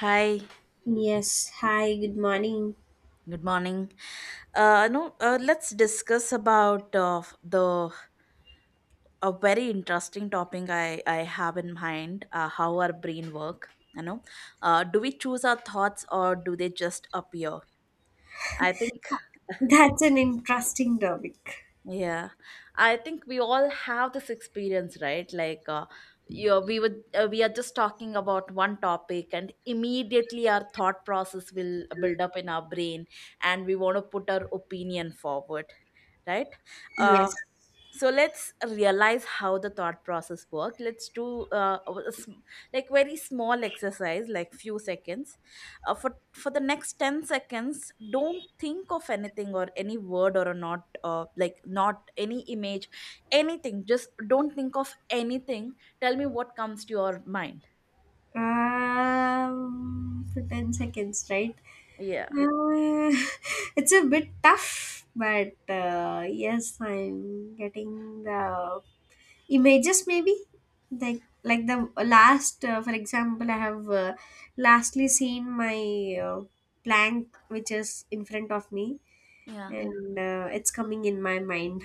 Hi, Yes, hi, good morning. good morning. No, let's discuss about the a very interesting topic I have in mind, how our brain work. You know, do we choose our thoughts or do they just appear? I think, That's an interesting topic. yeah, I think we all have this experience, right? Like, you we would we are just talking about one topic, and immediately our thought process will build up in our brain, and we want to put our opinion forward, right? uh, Yes. so let's realize how the thought process worked. Let's do a sm- like very small exercise like few seconds. For the next 10 seconds don't think of anything or any word or a not like not any image, anything. Just don't think of anything. Tell me what comes to your mind. For 10 seconds, right? Yeah, Uh, it's a bit tough, but yes, I'm getting the images maybe. Like the last, for example, I have lastly seen my plank which is in front of me, yeah. and it's coming in my mind.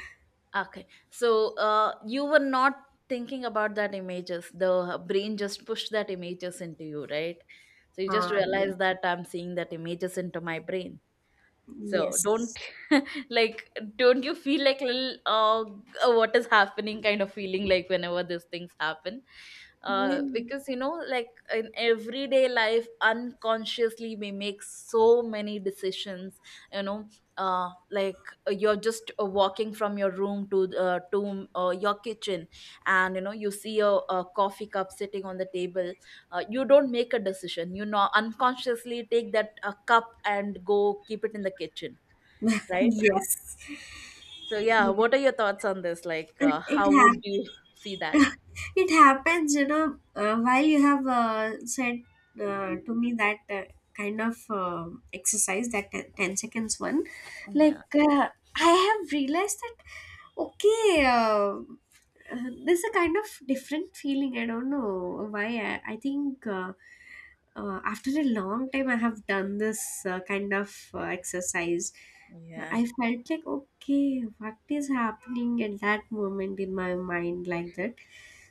Okay. So you were not thinking about that images. The brain just pushed that images into you, right? So you just Ah, realized that I'm seeing that images into my brain. So, Yes. Don't you feel like little, what is happening kind of feeling like whenever these things happen, Mm. because in everyday life unconsciously we make so many decisions. You know like You're just walking from your room to your kitchen, and you see a coffee cup sitting on the table. You don't make a decision, unconsciously take that cup and go keep it in the kitchen, right? Yes. So yeah, Yes. what are your thoughts on this? Like, It it how hap- would you see that? it happens, while you have said to me that kind of exercise, that 10 seconds one, Yeah, like I have realized that, okay, there's a kind of different feeling. I don't know why. I think, after a long time, I have done this kind of exercise. yeah, I felt like, okay, what is happening at that moment in my mind, like that.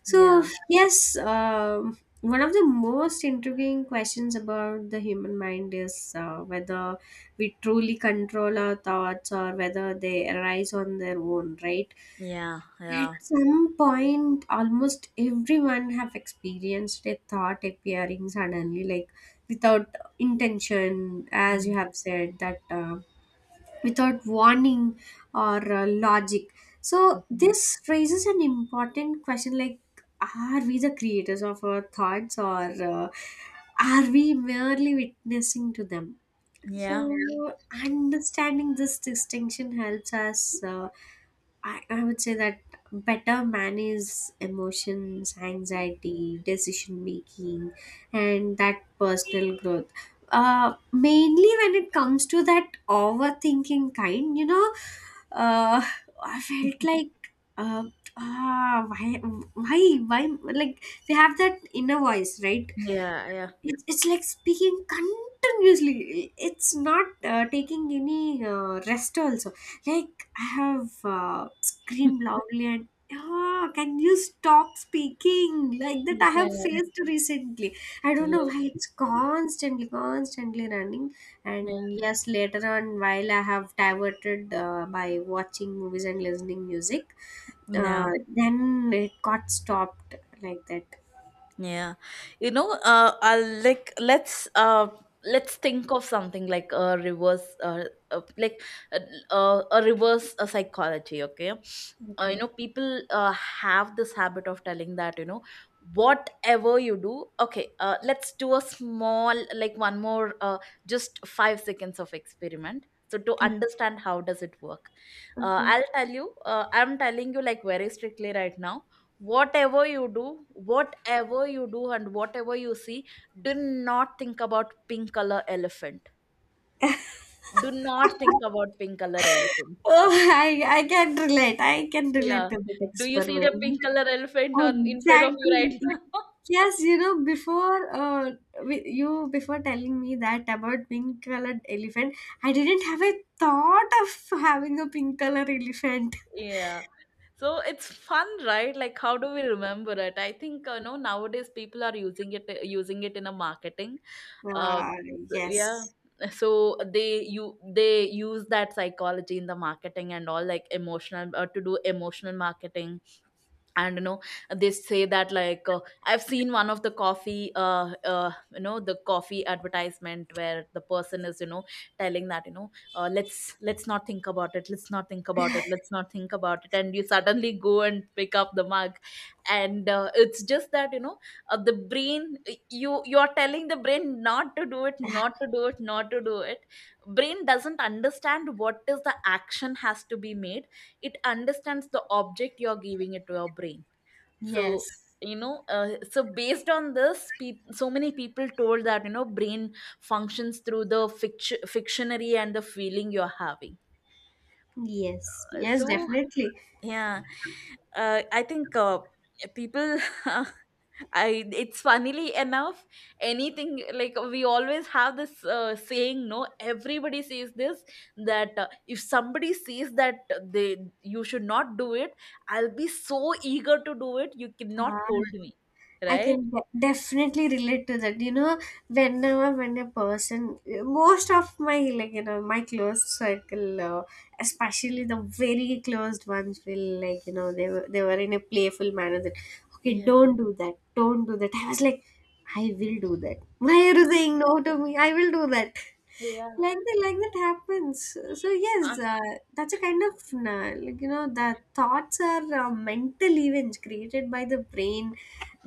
So, yeah, yes, one of the most intriguing questions about the human mind is, whether we truly control our thoughts or whether they arise on their own, right? yeah, At yeah, some point, almost everyone have experienced a thought appearing suddenly, like without intention, as you mm, have said that, without warning or, logic. So yeah, this raises an important question: like, are we the creators of our thoughts, or, are we merely witnessing to them? yeah, So understanding this distinction helps us. I would say that better manage emotions, anxiety, decision making, and that personal growth. Mainly when it comes to that overthinking kind, you know, uh, I felt like, uh, ah, why, like we have that inner voice, right? yeah, It's like speaking continuously. It's not taking any rest also. Like, I have screamed loudly and, "Ah, can you stop speaking like that?" yeah, I have yeah, faced recently, I don't know yeah. why, it's constantly running. Yeah. And yes, later on while I have diverted by watching movies and listening music, uh, No. then it got stopped, like that. Yeah, you know, I like let's think of something like a reverse, uh like uh, a reverse psychology. Okay, Okay, people have this habit of telling that, you know, whatever you do. Okay, let's do a small, like, one more, just 5 seconds of experiment, so to understand how does it work. Okay. I'll tell you, I'm telling you, like, very strictly right now, whatever you do, whatever you do, and whatever you see, do not think about pink color elephant. Do not think about pink color elephant. Oh, I can relate. I can relate Yeah, to that do you see the experiment. pink color elephant on in front of you right Exactly. now? Yes, you know, before, you before telling me that about pink colored elephant, I didn't have a thought of having a pink color elephant. yeah, so it's fun, right? Like, how do we remember it? I think, you know, nowadays people are using it, in a marketing, uh, Wow. Yeah. Yes. So they, you they use that psychology in the marketing and all, like emotional, to do emotional marketing. And you know, they say that, like, I've seen one of the coffee, you know, the coffee advertisement where the person is, you know, telling that, you know, let's not think about it, let's not think about it, let's not think about it, and you suddenly go and pick up the mug. And it's just that, you know, the brain, you are telling the brain not to do it, not to do it, not to do it. Brain doesn't understand what is the action has to be made. It understands the object you're giving it to your brain. So, Yes. you know, so based on this, peop so many people told that, you know, brain functions through the fictionary and the feeling you're having. Yes. Uh, Yes. so Definitely. yeah, I think people. I, it's funnily enough, anything, like we always have this saying. No, everybody says this that, if somebody says that, they you should not do it, I'll be so eager to do it. You Uh, cannot hold me, I right? can definitely relate to that. You know, whenever when a person, most of my, like, you know, my close circle, especially the very closed ones, will, like, you know, they were in a playful manner that, "Okay, Yeah. don't do that, don't do that." I was like, "I will do that. Why are you saying Yeah. no to me? I will do that." Yeah. Like that, like that happens. So Uh, yes, that's a kind of, like, you know, the thoughts are mental events created by the brain.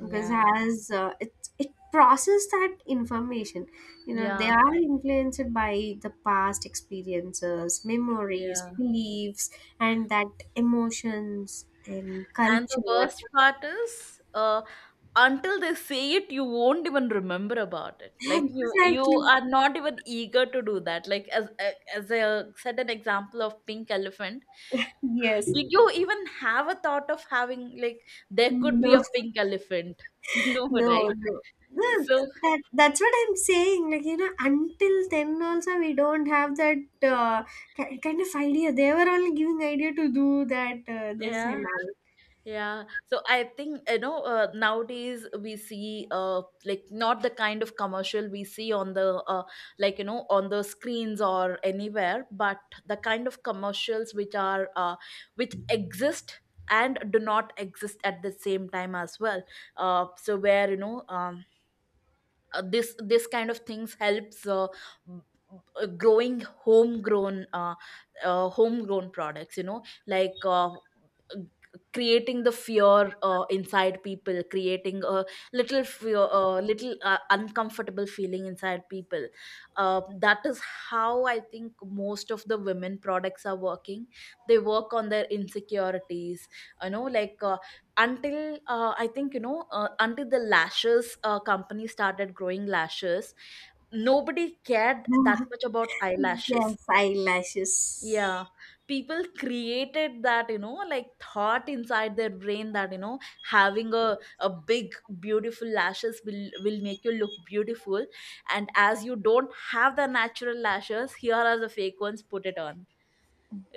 Because, as it process that information, you know, they Yeah. are influenced by the past experiences, memories, Yeah. beliefs, and that emotions and And the culture. worst part is, until they say it, you won't even remember about it. Like, you Exactly. are not even eager to do that. Like, as I said, an example of pink elephant. Yes. Did you even have a thought of having like there could be No. a pink elephant? No, No, right? no. No. So That's what I'm saying. Like, you know, until then also we don't have that uh, kind of idea. They were only giving idea to do that, this and yeah. Yeah, so I think, you know, nowadays we see like not the kind of commercial we see on the, like, you know, on the screens or anywhere, but the kind of commercials which are, which exist and do not exist at the same time as well. So where, you know, this kind of things helps, b- growing homegrown, homegrown products, you know, like, g- creating the fear, inside people, creating a little fear, a little, uncomfortable feeling inside people. That is how I think most of the women products are working. They work on their insecurities, you know, like, until I think, you know, until the lashes company started growing lashes, nobody cared that all. much about eyelashes. Yes, eyelashes. Yeah, people created that, you know, like, thought inside their brain that, you know, having a big beautiful lashes will make you look beautiful, and as you don't have the natural lashes, here are the fake ones, put it on,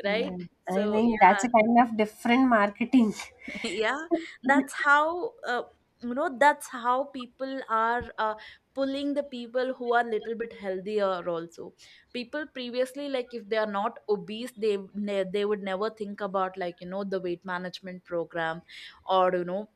Yeah, right? I So think that's a yeah. kind of different marketing. yeah, that's how, you know, that's how people are, pulling the people who are little bit healthier also. People previously, like, if they are not obese, they they would never think about, like, you know, the weight management program, or, you know,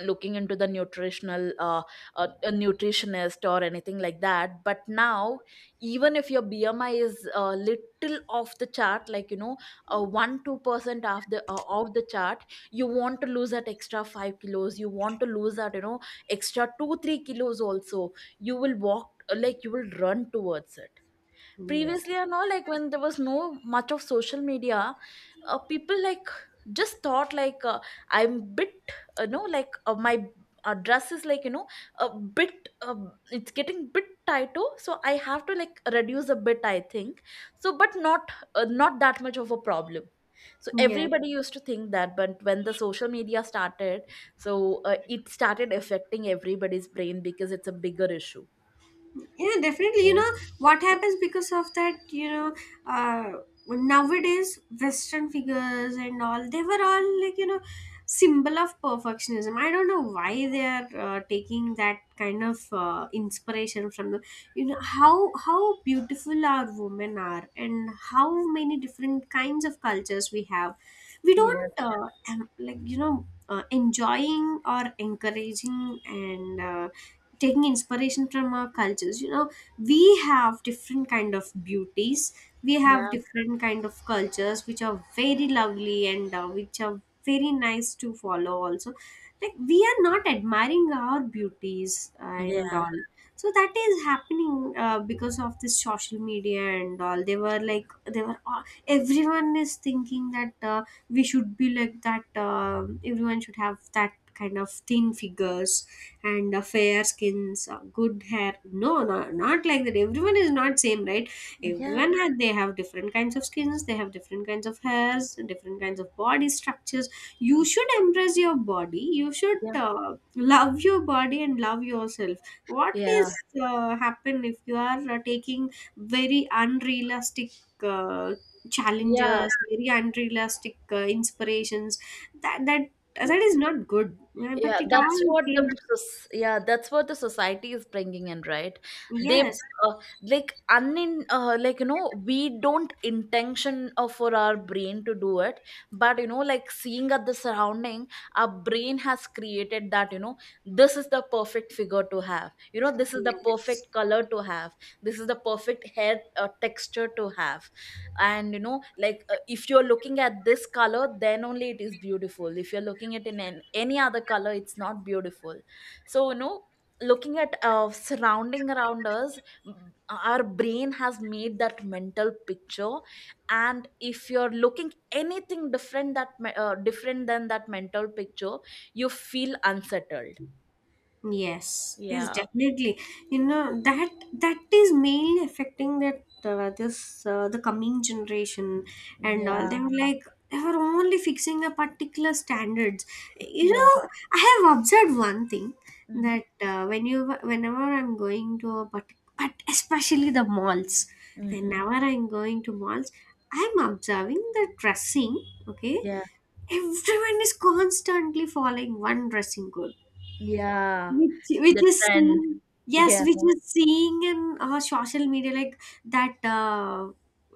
looking into the nutritional, a nutritionist or anything like that, but now even if your BMI is a little off the chart, like, you know, 1 2% of the, off the chart, you want to lose that extra 5 kilos, you want to lose that, you know, extra 2 3 kilos also, you will walk, like, you will run towards it. Yes. Previously and all, like, when there was no much of social media, people, like, just thought like, I'm bit, you know, like, my, dress is, like, you know, a bit, it's getting bit tighter, so I have to like reduce a bit, I think. So but not, not that much of a problem, so Yes. Yes. everybody used to think that. But when the social media started, so, it started affecting everybody's brain because it's a bigger issue, Yeah, definitely, you right? know, what happens because of that, you know, uh nowadays western figures and all, they were all, like, you know, symbol of perfectionism. I don't know why they are taking that kind of inspiration from them. You know how beautiful our women are and how many different kinds of cultures we have. We Yeah, don't, like, you know, enjoying or encouraging, and, taking inspiration from our cultures, you know. We have different kind of beauties. We have yeah, different kind of cultures which are very lovely and, which are very nice to follow also. Like, we are not admiring our beauties and yeah, all. So that is happening, because of this social media and all. They were like, they were all, everyone is thinking that, we should be like that. Everyone should have that kind of thin figures and, fair skins, good hair. No, no, not like that. Everyone is not same, right? yeah, Everyone has, they have different kinds of skins, they have different kinds of hairs, different kinds of body structures. You should embrace your body. You should yeah, love your body and love yourself. What yeah, is happen if you are taking very unrealistic uh, yeah, challenges, very unrealistic inspirations. That that that is not good. But yeah, it that's all what came. the soc- yeah, that's what the society is bringing in, right? They, Yes, uh, like unin like, you know, we don't intention, for our brain to do it, but, you know, like, seeing at the surrounding, our brain has created that, you know, this is the perfect figure to have, you know, this is the yes, perfect color to have, this is the perfect hair, texture to have. And you know, like, if you're looking at this color, then only it is beautiful. If you're looking at in any other color, it's not beautiful. So you know, looking at, surrounding around us, our brain has made that mental picture, and if you're looking anything different that, different than that mental picture, you feel unsettled. yes. Is Yeah, definitely, you know, that is mainly affecting that, this, the coming generation and all. They yeah, were like they were only fixing a particular standards. You yeah, know, I have observed one thing mm-hmm. that, whenever I'm going to a but especially the malls, Mm-hmm. whenever I'm going to malls, I'm observing the dressing. Okay, Yeah, everyone is constantly following one dressing code yeah, which which the is trend, seen, yes, yeah, which is seeing in, social media, like that, uh,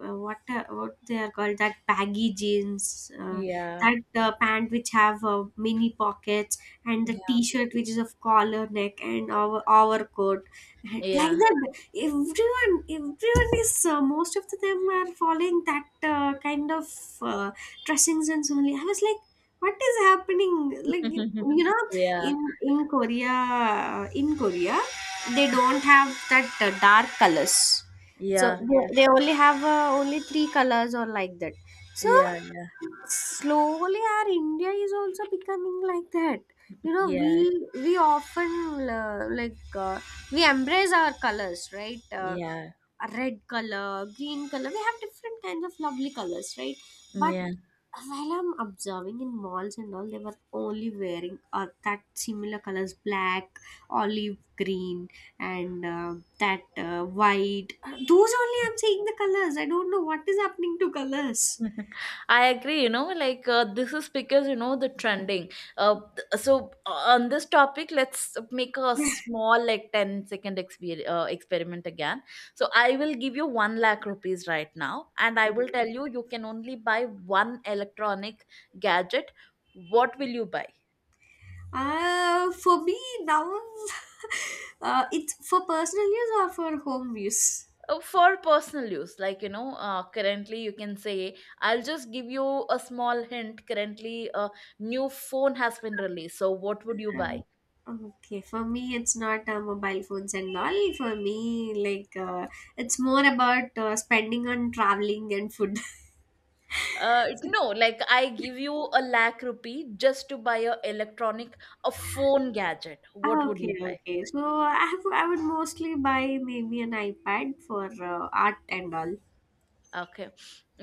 uh, what they are called, that baggy jeans, yeah. that pant which have mini pockets, and the Yeah. t-shirt which is of collar neck, and our coat. And like Yeah. that, everyone is, most of them are following that kind of uh, dressing sense only. I was like, what is happening, like, you know. Yeah. In Korea, they don't have that dark colors. So Yeah. they, Yeah. they only have only three colors or like that. So Yeah. slowly our India is also becoming like that, you know. Yeah. we Yeah. we often, like, we embrace our colors, right? Yeah. A red color, green color, we have different kinds of lovely colors, right? But Yeah. while I'm observing in malls and all, they were only wearing that similar colors: black, olive green, and that white. Those only I'm seeing the colors. I don't know what is happening to colors. I agree, you know, like, this is because, you know, the trending. On this topic, let's make a small, like, 10 second experiment again. So I will give you 1 lakh rupees right now, and I will tell you, you can only buy one electronic gadget. What will you buy? For me now, it's for personal use or for home use? For personal use, like, you know, currently, you can say, I'll just give you a small hint. Currently a new phone has been released, so what would you buy? Uh, Okay, for me it's not mobile phones and all. For me, like, it's more about spending on traveling and food. uh, no, like, I give you a lakh rupee just to buy a electronic, a phone gadget. What Ah, would okay, you buy? okay. So I have, I would mostly buy maybe an iPad for art and all. Okay.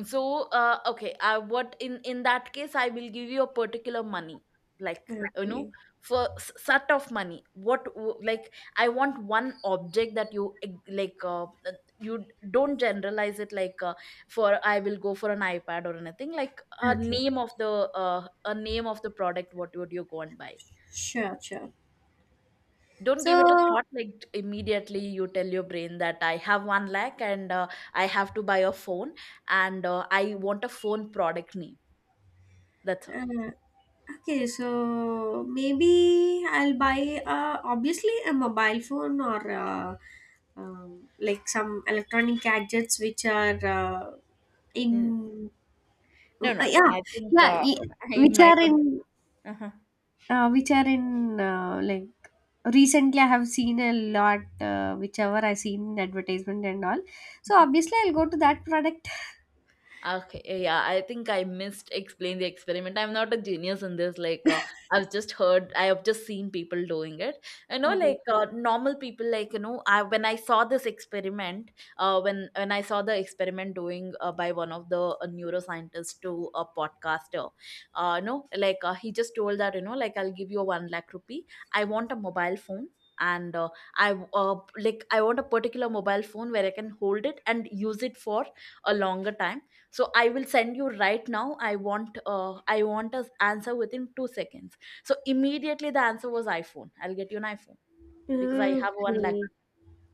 So, okay. What in that case, I will give you a particular money, like, you know, Okay. for sort of money. Like, I want one object that you like. You don't generalize it like, for I will go for an iPad or anything. Like a Okay, name of the, a name of the product. What would you go and buy? sure, sure. Don't give So, it a thought, like, immediately you tell your brain that I have 1 lakh, and I have to buy a phone, and I want a phone product name. That's all. uh, okay, so maybe I'll buy, obviously a mobile phone or, like, some electronic gadgets which are, N- in, No, no. yeah, I think, yeah, I which might are in, have. Like, recently I have seen a lot, whichever I seen in advertisement and all, so obviously I'll go to that product. Okay, eh, yeah, I think I missed explain the experiment. I'm not a genius in this. Like, I've just heard, I have just seen people doing it. Okay, Normal people, I when I saw this experiment, when I saw the experiment doing by one of the neuroscientists to a podcaster, no, like he just told that like I'll give you a one lakh rupee. I want a mobile phone. And I want a particular mobile phone where I can hold it and use it for a longer time. So I will send you right now. I want a answer within 2 seconds. So immediately the answer was iPhone. I'll get you an iPhone because I have 1 lakh, okay.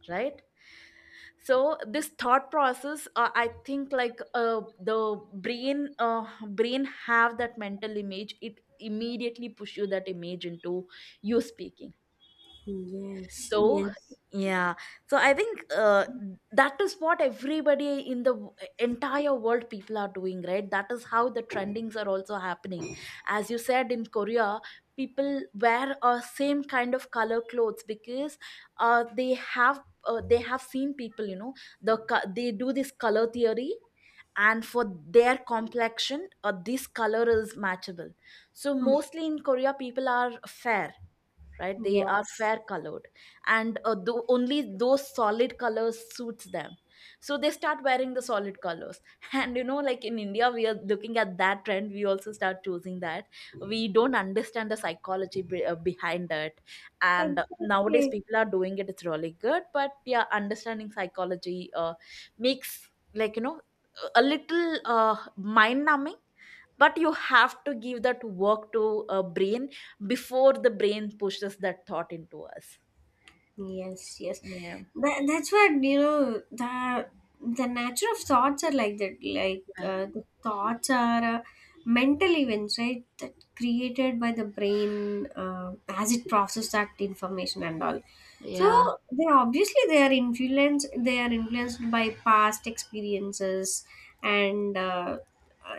right? So this thought process, I think, the brain uh, brain have that mental image. It immediately push you that image into you speaking. Yes. So, Yes. yeah, so I think that is what everybody in the entire world people are doing, right? That is how the trendings are also happening. As you said, in Korea people wear a same kind of color clothes because uh, they have they have seen people, the they do this color theory, and for their complexion this color is matchable. So Mm, mostly in Korea people are fair, right? They are yes. fair colored. And only those solid colors suits them. So they start wearing the solid colors, and you know, like in India we are looking at that trend, we also start choosing that. We don't understand the psychology behind it. And nowadays Exactly. people are doing it, it's really good, but yeah, understanding psychology makes, a little mind numbing. But you have to give that work to a brain before the brain pushes that thought into us. Yes, yes. Yeah. That's what, you know, the nature of thoughts are like that. Like, Yeah. The thoughts are, mental events, right? That created by the brain, as it processes that information and all. So Yeah. they obviously, they are influenced. They are influenced by past experiences, and, uh,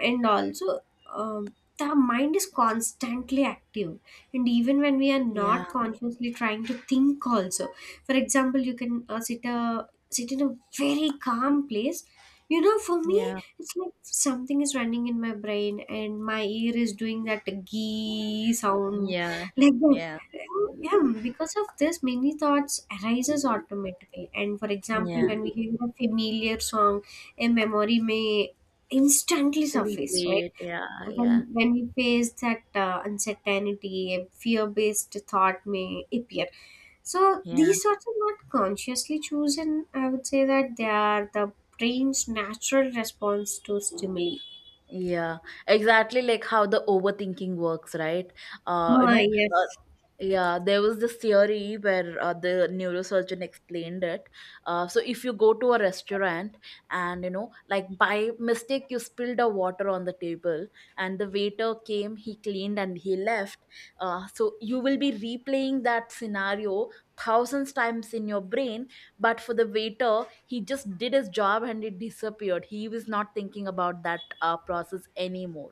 and also, the mind is constantly active. And even when we are Yeah. not consciously trying to think, also, for example, you can sit in a very calm place, you know. For me, it's like something is running in my brain and my ear is doing that gee sound, Yeah. like that. Yeah. Yeah, because of this many thoughts arises automatically. And for example, Yeah. when we hear a familiar song, a memory may instantly Really surface, right? great. Yeah. Yeah. When we face that, uncertainty, a fear based thought may appear. So Yeah. these thoughts are not consciously chosen. I would say that they are the brain's natural response to stimuli. Yeah, exactly like how the overthinking works, right? Uh, you Ah, know, uh, yes. yeah, there was this theory where the neurosurgeon explained it. So if you go to a restaurant and, like, by mistake you spilled a water on the table, and the waiter came, he cleaned and he left. So you will be replaying that scenario thousands times in your brain, but for the waiter, he just did his job and it disappeared. He was not thinking about that process anymore.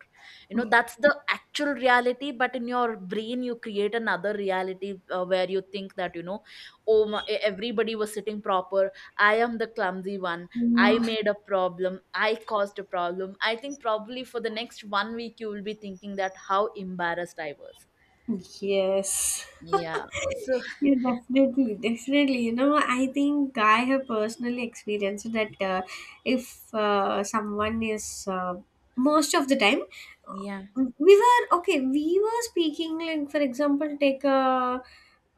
You know, that's the actual reality, but in your brain you create another reality where you think that, you know, oh my, everybody was sitting proper. I am the clumsy one. I made a problem, I caused a problem. I think probably for the next one week you will be thinking that how embarrassed I was. Ah, yes. Yeah. So Yeah, definitely, definitely. You know, I think I have personally experienced that, if, someone is, most of the time, yeah, we were okay. We were speaking like, for example, take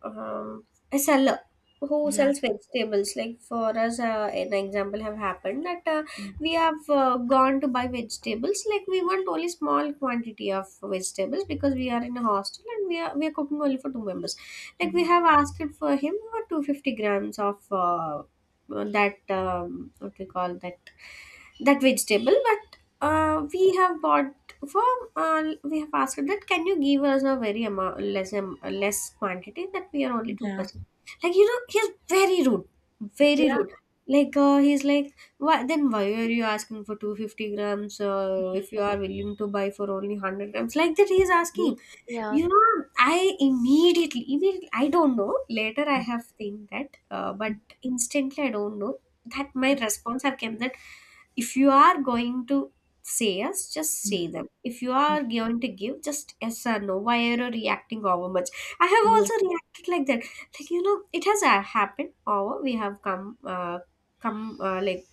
um, a seller who yeah, sells vegetables. Like for us, an example have happened that, yeah, we have gone to buy vegetables. Like, we want only small quantity of vegetables because we are in a hostel and we are cooking only for two members. Like, we yeah, have asked it for him for 250 grams of, that, what we call that vegetable. But, uh, we have bought for we have asked that, "Can you give us a very amount less, less quantity, that we are only two yeah, percent Like, you know, he's very rude, very rude. Like, he's like, "Why then why are you asking for 250 grams, if you are willing to buy for only 100 grams?" Like that, he is yeah, asking. yeah. You know, I, immediately, immediately, I don't know. Later, I have think that, but instantly, I don't know that my response have came that if you are going to say yes, just say them. If you are going to give, just yes or no. Why are you reacting over much? I have Yeah, also reacted like that. Like you know, it has happened. Over we have come, like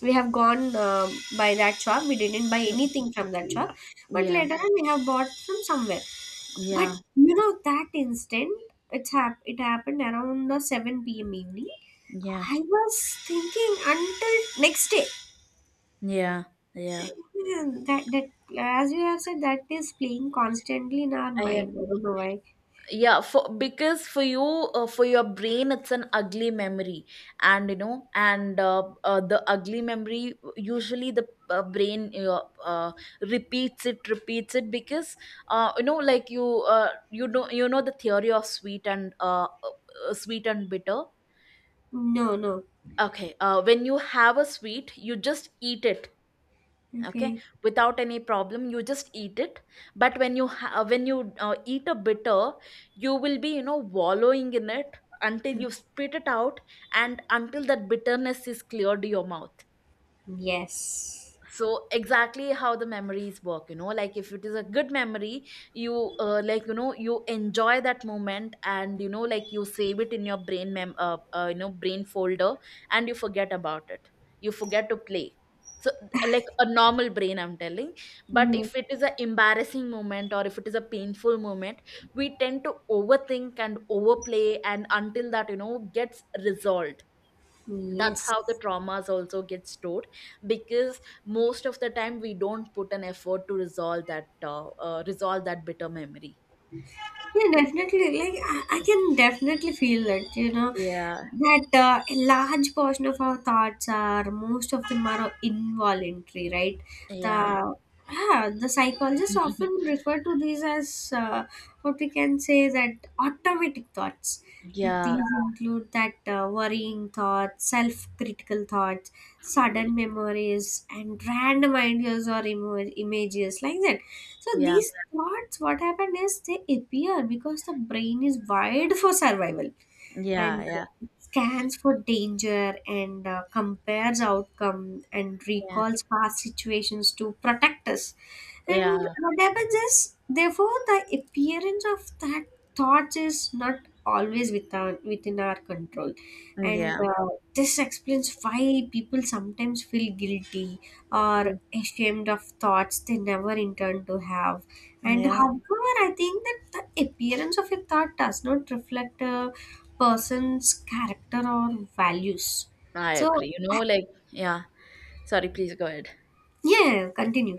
we have gone by that shop. We didn't buy uh, anything from that shop, but yeah, later on we have bought from somewhere, yeah, but you know that instant it's it happened around the 7 p.m. evening. yeah, I was thinking until next day. yeah, yeah. Hmm, that as you have said that is playing constantly in our I mind. I agree. don't know why. Yeah, for because for you, for your brain, it's an ugly memory, and you know, and the ugly memory, usually the brain repeats it because you know, you know the theory of sweet and sweet and bitter. No, no. Okay, when you have a sweet, you just eat it. Okay, Okay. without any problem you just eat it. But when you eat a bitter, you will be, you know, wallowing in it until you spit it out, and until that bitterness is cleared your mouth. Yes. So exactly how the memories work, you know, like if it is a good memory, you like, you know, you enjoy that moment, and you know, like you save it in your brain folder, and you forget about it, you forget to play. So, like a normal brain I'm telling. But Yes. if it is an embarrassing moment or if it is a painful moment, we tend to overthink and overplay, and until that, you know, gets resolved. That's Yes. how the traumas also get stored, because most of the time we don't put an effort to resolve that bitter memory. Yeah, definitely. Like I can definitely feel it. You know Yeah. that a large portion of our thoughts are most of them are involuntary, right? Yeah. The Yeah, the psychologists often refer to these as what we can say that automatic thoughts. Like these, Yeah. yeah, include that worrying thoughts, self-critical thoughts, sudden memories, and random ideas or images like that, so Yeah. these thoughts, what happened is they appear because the brain is wired for survival Yeah. and Yeah. Yeah. scans for danger and compares outcome and recalls past situations to protect us. And Yeah. what happens is, therefore, the appearance of that thoughts is not always within our control, Yeah. and Yeah. This explains why people sometimes feel guilty or ashamed of thoughts they never intend to have. And Yeah. however, I think that the appearance of a thought does not reflect a person's character or values. I So, agree, you know, like. Yeah, sorry, please go ahead. yeah, continue.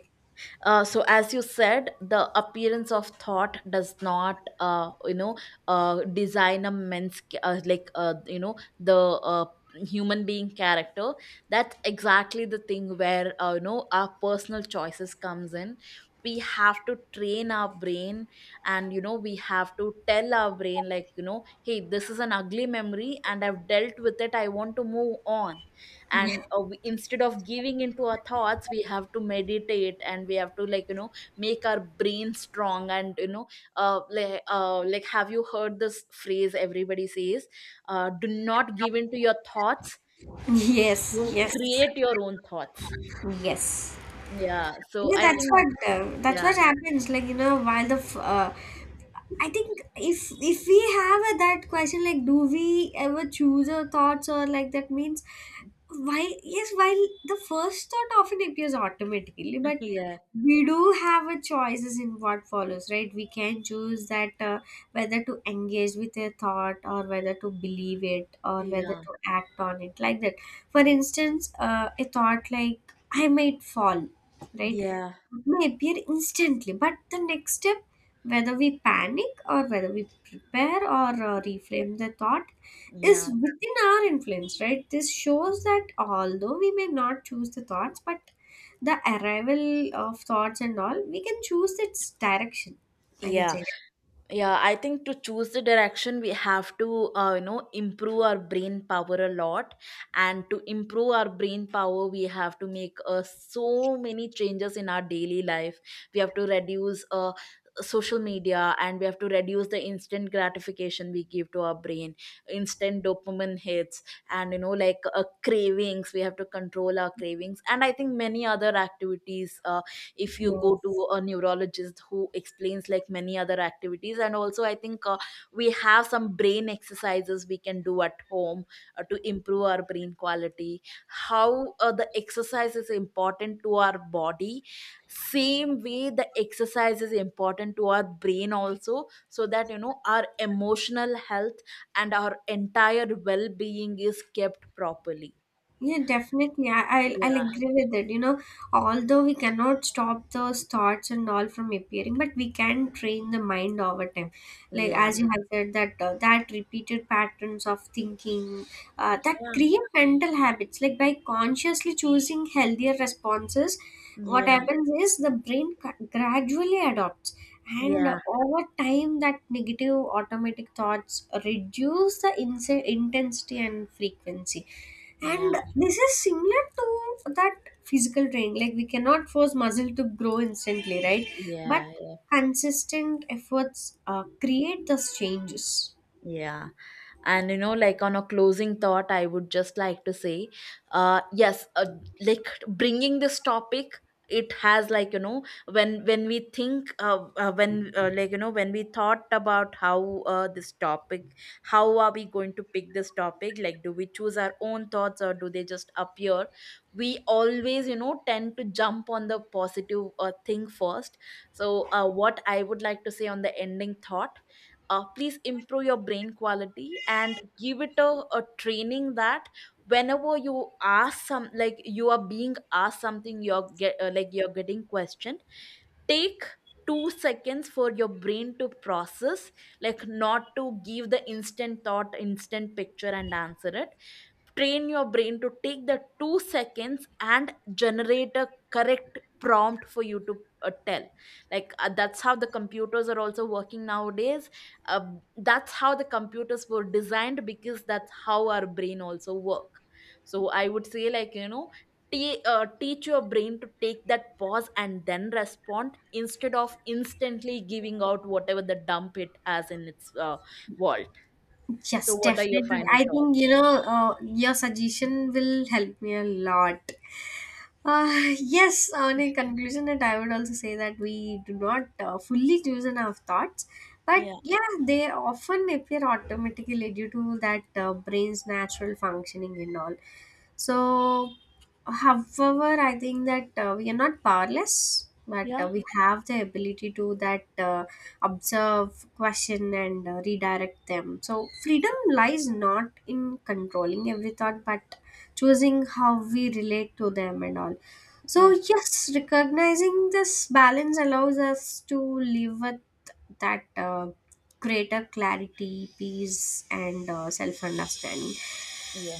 So as you said, the appearance of thought does not, design a man's like, you know, the human being character. That's exactly the thing where, you know, our personal choices comes in. We have to train our brain, and you know, we have to tell our brain, like, you know, hey, this is an ugly memory and I've dealt with it, I want to move on. And we, instead of giving into our thoughts, we have to meditate and we have to, make our brain strong, and you know, like, have you heard this phrase everybody says? Do not give into your thoughts. yes, You yes, create your own thoughts. yes. Yeah, so Yeah, I think. That's Yeah. what happens. Like you know, while the I think if we have a, that question like do we ever choose our thoughts or like that means, while yes, while the first thought often appears automatically, but Yeah. we do have a choices in what follows, right? We can choose that, whether to engage with a thought or whether to believe it or whether Yeah. to act on it like that, for instance, a thought like I might fall, right, Yeah. may appear instantly, but the next step, whether we panic or whether we prepare or reframe the thought, is Yeah. within our influence, right? This shows that although we may not choose the thoughts, but the arrival of thoughts and all, we can choose its direction. I can Yeah. say that. Yeah. I think to choose the direction we have to, you know, improve our brain power a lot. And to improve our brain power we have to make so many changes in our daily life. We have to reduce social media, and we have to reduce the instant gratification we give to our brain, instant dopamine hits. And you know, like, cravings, we have to control our cravings, and I think many other activities, if you go Yes. to a neurologist who explains, like, many other activities. And also, I think, we have some brain exercises we can do at home to improve our brain quality. How the exercise is important to our body, same way the exercise is important to our brain also, so that, you know, our emotional health and our entire well-being is kept properly. Yeah, definitely. I'll Yeah, agree with it. You know, although we cannot stop those thoughts and all from appearing, but we can train the mind over time. Like yeah, as you, mhm, have said, that that repeated patterns of thinking that yeah, create mental habits. Like by consciously choosing healthier responses, what yeah, happens is the brain gradually adopts it and yeah, over time, that negative automatic thoughts reduce the intensity and frequency. And yeah. this is similar to that physical training. Like, we cannot force muscle to grow instantly, right? But Yeah, yeah, consistent efforts create those changes. yeah. And you know, like, on a closing thought, I would just like to say, yes, like, bringing this topic, it has, like, you know, when when we thought about how this topic, how are we going to pick this topic? Like, do we choose our own thoughts or do they just appear? We always, you know, tend to jump on the positive thing first. So, what I would like to say on the ending thought, please improve your brain quality and give it a training that whenever you ask some, like, you are being asked something, you're get like, you're getting questioned, take 2 seconds for your brain to process, like, not to give the instant thought, instant picture, and answer it. Train your brain to take the 2 seconds and generate a correct prompt for you to tell, that's how the computers are also working nowadays. Um that's how the computers were designed, because that's how our brain also work. So I would say, like, you know, teach your brain to take that pause and then respond, instead of instantly giving out whatever the dump it has in its vault. So Yes, what are your definitely. final I think, thoughts? you know, your suggestion will help me a lot. Yes, on a conclusion, that I would also say that we do not fully choose in our thoughts, but Yeah. yeah, they often appear automatically due to that brain's natural functioning and all. So, however, I think that we are not powerless, but Yeah. We have the ability to that observe, question, and redirect them. So, freedom lies not in controlling every thought, but choosing how we relate to them and all. So, Yeah. yes, recognizing this balance allows us to live with that greater clarity, peace, and self understanding. Yeah,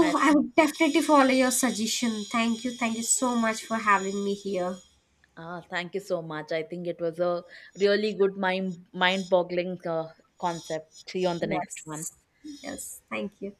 I I think. would definitely follow your suggestion. Thank you. Thank you so much for having me here. Ah, thank you so much. I think it was a really good mind boggling concept. See you on the next one. Yes. Yes. Thank you.